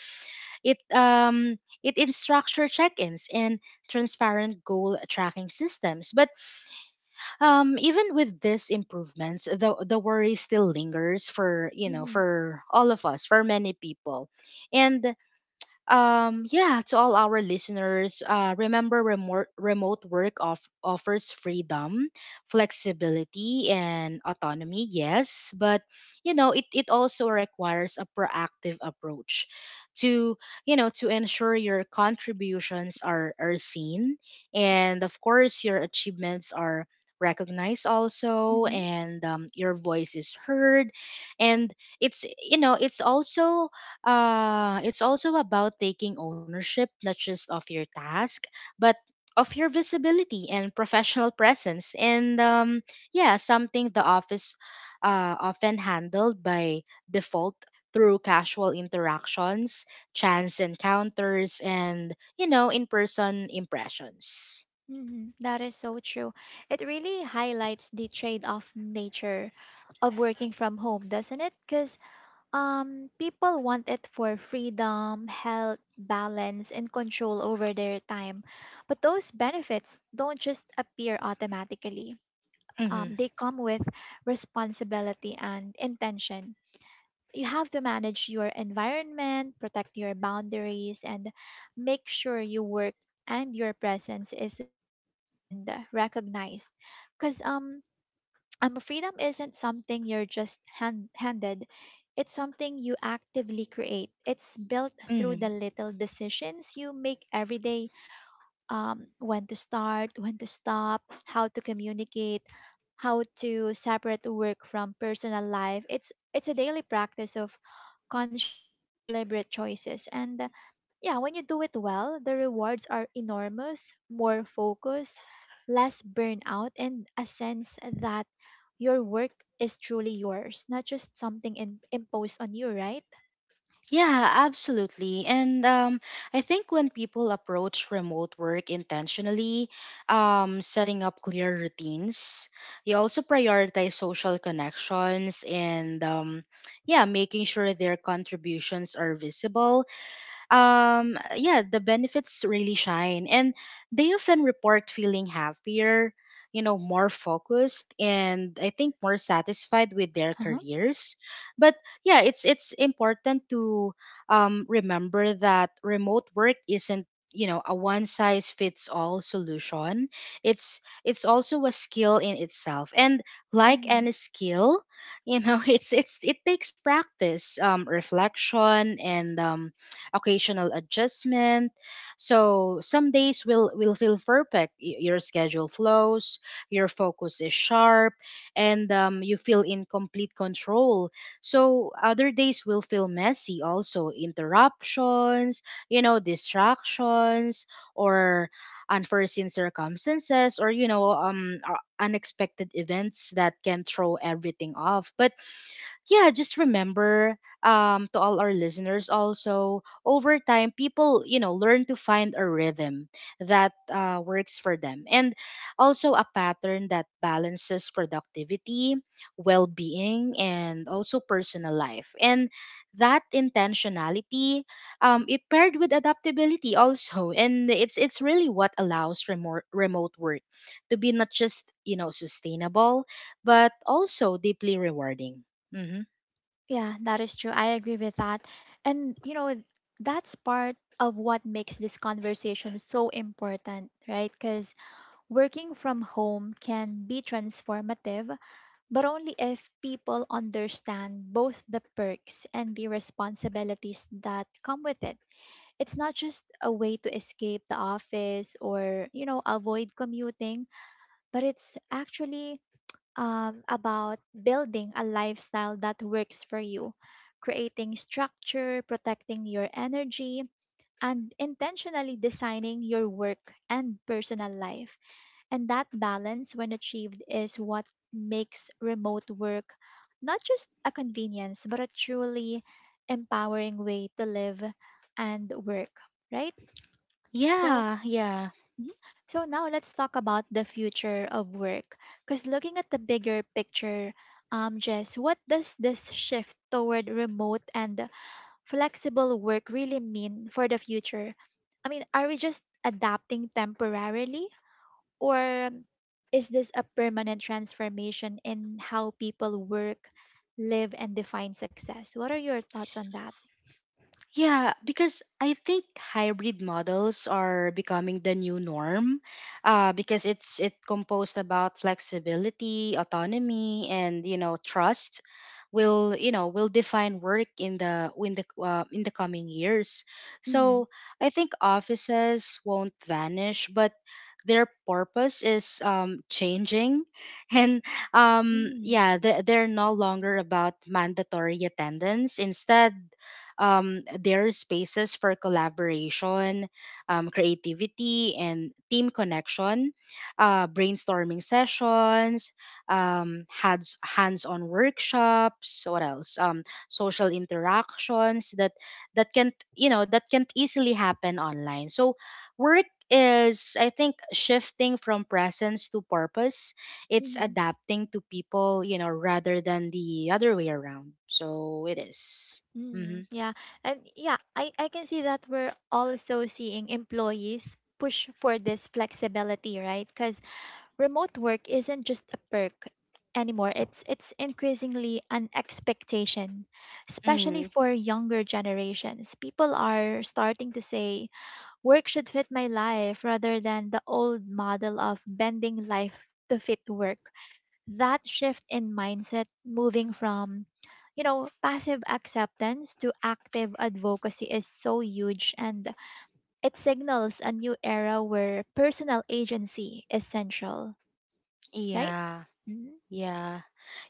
S2: it um it in structure check-ins and transparent goal tracking systems. But even with these improvements, the worry still lingers for, you know,
S1: mhm,
S2: for all of us, for many people, and yeah, to all our listeners, remember, remote work offers freedom, flexibility, and autonomy, yes, but, you know, it also requires a proactive approach to, you know, to ensure your contributions are seen, and of course your achievements are recognized also,
S1: mhm.
S2: and your voice is heard. And it's you know, it's also about taking ownership, not just of your task, but of your visibility and professional presence. And yeah, something the office often handled by default through casual interactions, chance encounters, and, you know, in person impressions.
S1: Mhm. That is so true. It really highlights the trade-off nature of working from home, doesn't it? Because people want it for freedom, health, balance, and control over their time. But those benefits don't just appear automatically.
S2: Mm-hmm.
S1: They come with responsibility and intention. You have to manage your environment, protect your boundaries, and make sure your work and your presence is visible and recognized. Because (tsk) freedom isn't something you're just handed. It's something you actively create. It's built through
S2: Mm-hmm.
S1: the little decisions you make every day when to start, when to stop, how to communicate, how to separate work from personal life. It's a daily practice of conscious and deliberate choices. And yeah, when you do it well, the rewards are enormous, more focus, less burnout, and a sense that your work is truly yours, not just something imposed on you, right?
S2: Yeah, absolutely. And I think when people approach remote work intentionally, setting up clear routines, you also prioritize social connections, and yeah, making sure their contributions are visible, yeah, the benefits really shine, and they often report feeling happier, you know, more focused, and I think more satisfied with their careers. But yeah, it's important to remember that remote work isn't, you know, a one size fits all solution. It's also a skill in itself, and like
S1: Uh-huh.
S2: any skill, you know, (laughs) it takes practice, reflection, and occasional adjustment. So some days will feel perfect. Your schedule flows, your focus is sharp, and you feel in complete control. So other days will feel messy. Also interruptions, you know, distractions, or unforeseen circumstances, or, you know, unexpected events that can throw everything off. But yeah, just remember, to all our listeners also, over time, people, you know, learn to find a rhythm that works for them, and also a pattern that balances productivity, well being, and also personal life. And that intentionality, it paired with adaptability also. (laughs) And it's really what allows remote work to be not just, you know, sustainable, but also deeply rewarding. hmm
S1: Yeah, that is true. I agree with that. And, you know, that's part of what makes this conversation so important, right? Because working from home can be transformative, but only if people understand both the perks and the responsibilities that come with it. It's not just a way to escape the office or, you know, avoid commuting, but it's actually about building a lifestyle that works for you, creating structure, protecting your energy, and intentionally designing your work and personal life. And that balance, when achieved, is what makes remote work not just a convenience, but a truly empowering way to live and work, right? So,
S2: Yeah, yeah.
S1: Mhm. So now let's talk about the future of work. Because looking at the bigger picture, Jess, what does this shift toward remote and flexible work really mean for the future? I mean, are we just adapting temporarily, or is this a permanent transformation in how people work, live, and define success? What are your thoughts on that?
S2: Yeah, because I think hybrid models are becoming the new norm, because it's it composed about flexibility, autonomy, and, you know, trust. Will, you know, will define work in the in the coming years.
S1: Mm-hmm.
S2: So I think offices won't vanish, but their purpose is, changing, (laughs) and
S1: Mm-hmm.
S2: yeah, they're no longer about mandatory attendance. Instead, there are spaces for collaboration, creativity, and team connection, brainstorming sessions, hands-on workshops. What else? Social interactions that can, you know, that can easily happen online. So work is, I think, shifting from presence to purpose. It's
S1: Mm-hmm.
S2: adapting to people, you know, rather than the other way around. So it is. Mm-hmm.
S1: Mm, yeah. And yeah, I can see that we're also seeing employees push for this flexibility, right? Because remote work isn't just a perk anymore. It's increasingly an expectation, especially
S2: Mm,
S1: for younger generations. People are starting to say work should fit my life rather than the old model of bending life to fit work. That shift in mindset, moving from passive acceptance to active advocacy, is so huge, and it signals a new era where personal agency is central, right?
S2: yeah,
S1: Mm.
S2: yeah,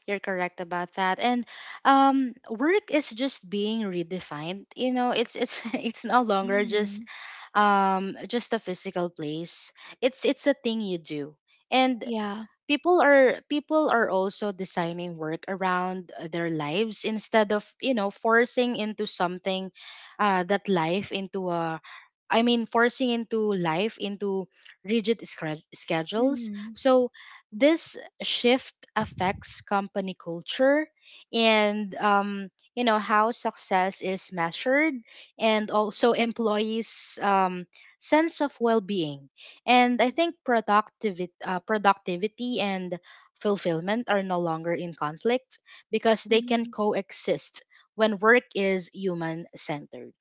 S2: you're correct about that. And work is just being redefined. You know, it's (laughs) it's no longer
S1: Mm.
S2: just a physical place. It's a thing you do. And
S1: Yeah.
S2: people are also designing work around their lives instead of, you know, forcing into something that life into a I mean, forcing into life into rigid schedules.
S1: Mm.
S2: So, this shift affects company culture and, you know, how success is measured, and also employees' sense of well being and I think productivity and fulfillment are no longer in conflict, because they can
S1: Mm.
S2: coexist when work is human centered.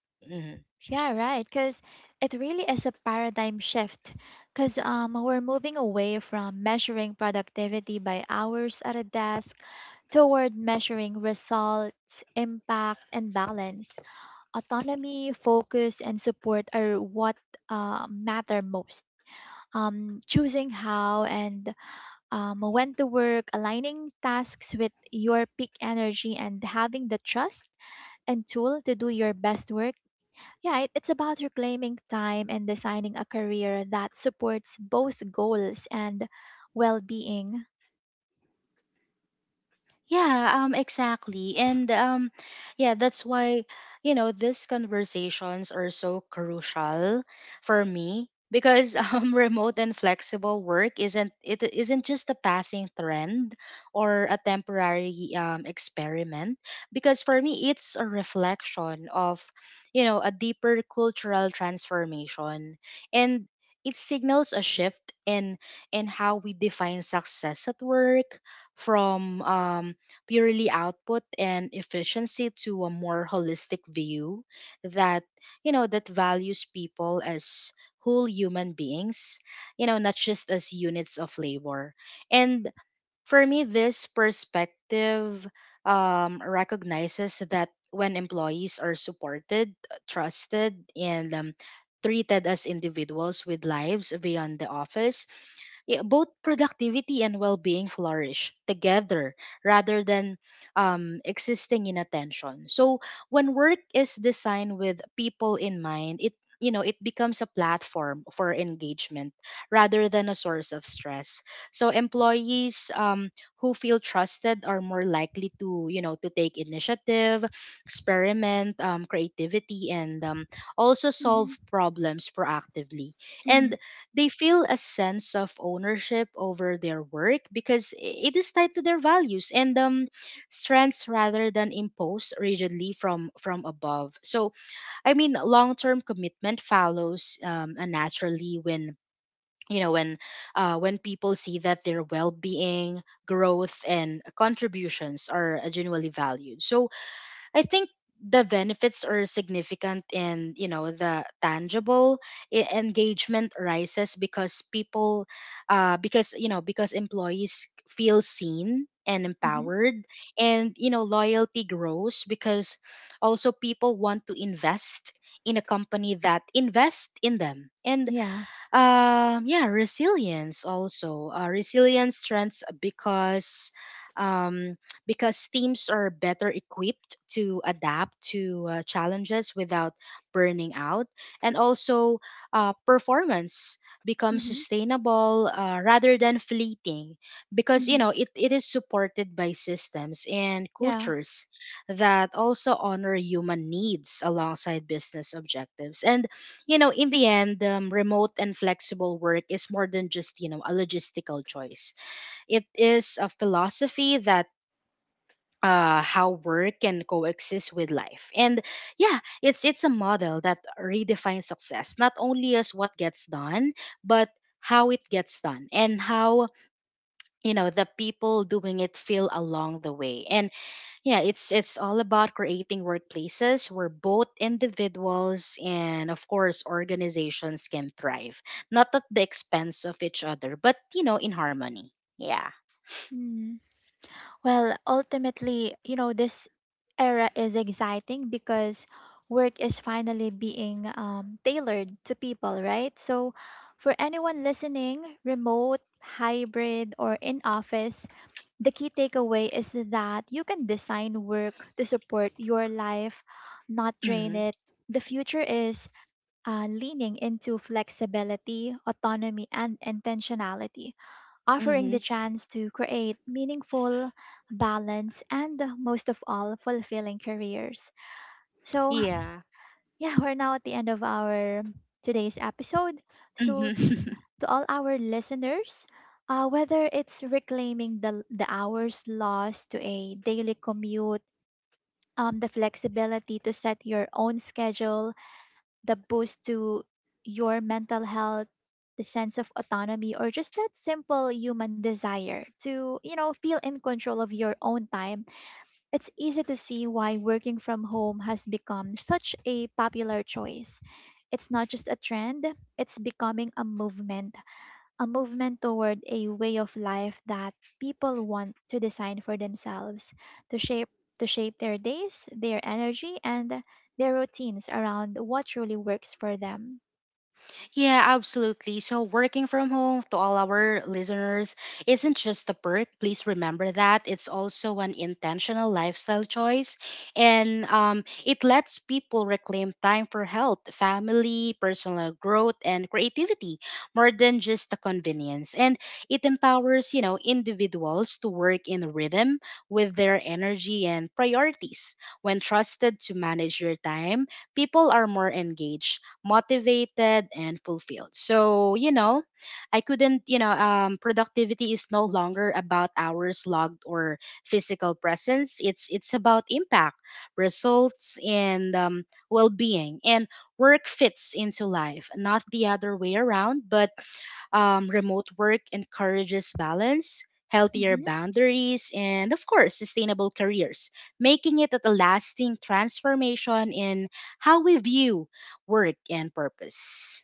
S1: Yeah, right, because it really is a paradigm shift. Because we're moving away from measuring productivity by hours at a desk toward measuring results, impact, and balance. Autonomy, focus, and support are what matter most. Choosing how and when to work, aligning tasks with your peak energy, and having the trust and tool to do your best work. Yeah, it's about reclaiming time and designing a career that supports both goals and well being.
S2: Yeah, exactly. And yeah, that's why, you know, these conversations are so crucial for me, because (laughs) remote and flexible work isn't it isn't just a passing trend or a temporary experiment, because for me it's a reflection of, you know, a deeper cultural transformation. And it signals a shift in how we define success at work, from purely output and efficiency to a more holistic view that, you know, that values people as whole human beings, you know, not just as units of labor. And for me this perspective recognizes that when employees are supported, trusted, and treated as individuals with lives beyond the office, yeah, both productivity and well-being flourish together rather than existing in attention. So when work is designed with people in mind, it you know, it becomes a platform for engagement rather than a source of stress. So employees, who feel trusted are more likely to, you know, to take initiative, experiment, creativity, and also solve
S1: Hmm.
S2: problems proactively.
S1: Hmm.
S2: And they feel a sense of ownership over their work, because it is tied to their values and strengths rather than imposed rigidly from above. So I mean, long term commitment follows naturally when, you know, when people see that their well being, growth, and contributions are genuinely valued. So I think the benefits are significant, and, you know, the tangible engagement rises because people because, you know, because employees feel seen and
S1: Hmm.
S2: empowered, and, you know, loyalty grows because also people want to invest in a company that invests in them. And
S1: Yeah.
S2: yeah, resilience also. Resilience strengths um, because teams are better equipped to adapt to challenges without burning out, and also performance becomes
S1: Hmm.
S2: sustainable, rather than fleeting, because, you
S1: Hmm.
S2: know, it is supported by systems and
S1: Yeah.
S2: cultures that also honor human needs alongside business objectives. And, you know, in the end, remote and flexible work is more than just, you know, a logistical choice. It is a philosophy that how work can coexist with life. And yeah, it's a model that redefines success, not only as what gets done, but how it gets done and how, you know, the people doing it feel along the way. And yeah, it's all about creating workplaces where both individuals and of course organizations can thrive, not at the expense of each other, but, you know, in harmony. Yeah.
S1: Mm. Well, ultimately, you know, this era is exciting because work is finally being tailored to people, right? So, for anyone listening, remote, hybrid, or in office, the key takeaway is that you can design work to support your life, not drain
S2: Mhm.
S1: it. The future is leaning into flexibility, autonomy, and intentionality, offering
S2: Mhm.
S1: the chance to create meaningful, balanced, and most of all, fulfilling careers. So,
S2: Yeah.
S1: (laughs) yeah, we're now at the end of our today's episode. So,
S2: Mhm. (laughs)
S1: to all our listeners, whether it's reclaiming the hours lost to a daily commute, the flexibility to set your own schedule, the boost to your mental health, the sense of autonomy, or just that simple human desire to, you know, feel in control of your own time, it's easy to see why working from home has become such a popular choice. It's not just a trend, it's becoming a movement, a movement toward a way of life that people want to design for themselves, to shape, their days, their energy, and their routines around what truly works for them.
S2: Yeah, absolutely. So, working from home, to all our listeners, isn't just a perk. Please remember that. It's also an intentional lifestyle choice. And it lets people reclaim time for health, family, personal growth, and creativity, more than just the convenience. And it empowers, you know, individuals to work in rhythm with their energy and priorities. When trusted to manage your time, people are more engaged, motivated, and fulfilled. So, you know, I couldn't, you know, productivity is no longer about hours logged or physical presence. It's about impact, results, and well-being. And work fits into life, not the other way around. But remote work encourages balance, healthier
S1: Mhm.
S2: boundaries, and of course, sustainable careers, making it a lasting transformation in how we view work and purpose.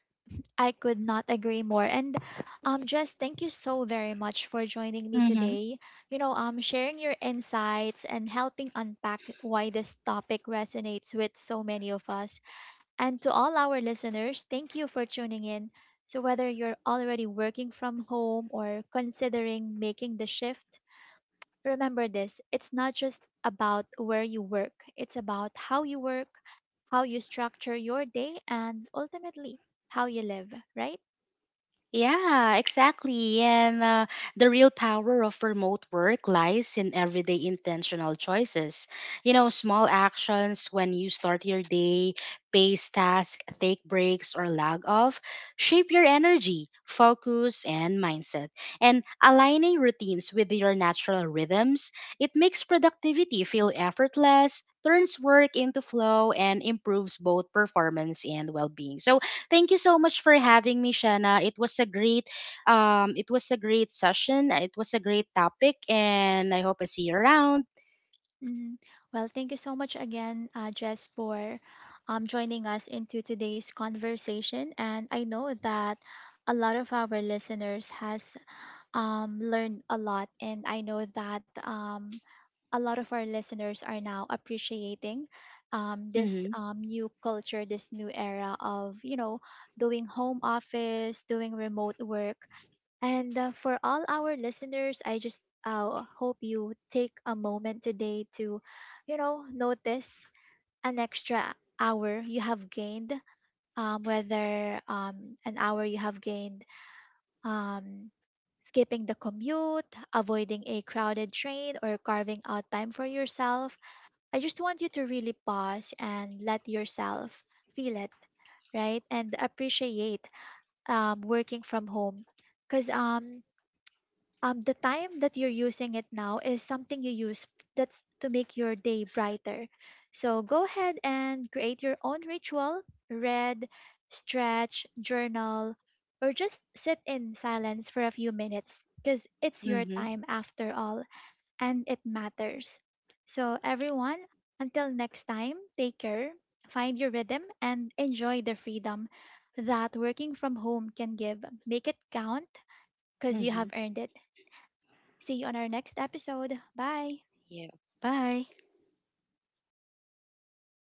S1: I could not agree more. And Jess, thank you so very much for joining me
S2: Mm-hmm.
S1: today. You know, sharing your insights and helping unpack why this topic resonates with so many of us. And to all our listeners, thank you for tuning in. So, whether you're already working from home or considering making the shift, remember this: it's not just about where you work, it's about how you work, how you structure your day, and ultimately how you live, right?
S2: Yeah, exactly. And the real power of remote work lies in everyday intentional choices. You know, small actions: when you start your day, pace task, take breaks, or log off shape your energy, focus, and mindset. And aligning routines with your natural rhythms, it makes productivity feel effortless. Turns work into flow and improves both performance and well being. So, thank you so much for having me, Shanna. It was a great, it was a great session. It was a great topic, and I hope I see you around.
S1: Mhm. Well, thank you so much again, Jess, for joining us into today's conversation. And I know that a lot of our listeners has learned a lot. And I know that a lot of our listeners are now appreciating um, this
S2: Mm-hmm.
S1: um, new culture, this new era of, you know, doing home office, doing remote work. And for all our listeners, I just hope you take a moment today to, you know, notice an extra hour you have gained, whether an hour you have gained. Um, Skipping the commute, avoiding a crowded train, or carving out time for yourself. I just want you to really pause and let yourself feel it, right? And appreciate working from home. Because the time that you're using it now is something you use that's to make your day brighter. So go ahead and create your own ritual, read, stretch, journal, or just sit in silence for a few minutes because it's your
S2: Mm-hmm.
S1: time after all, and it matters. So, everyone, until next time, take care, find your rhythm, and enjoy the freedom that working from home can give. Make it count because you
S2: Mm-hmm.
S1: have earned it. See you on our next episode. Bye.
S2: Yeah. Bye.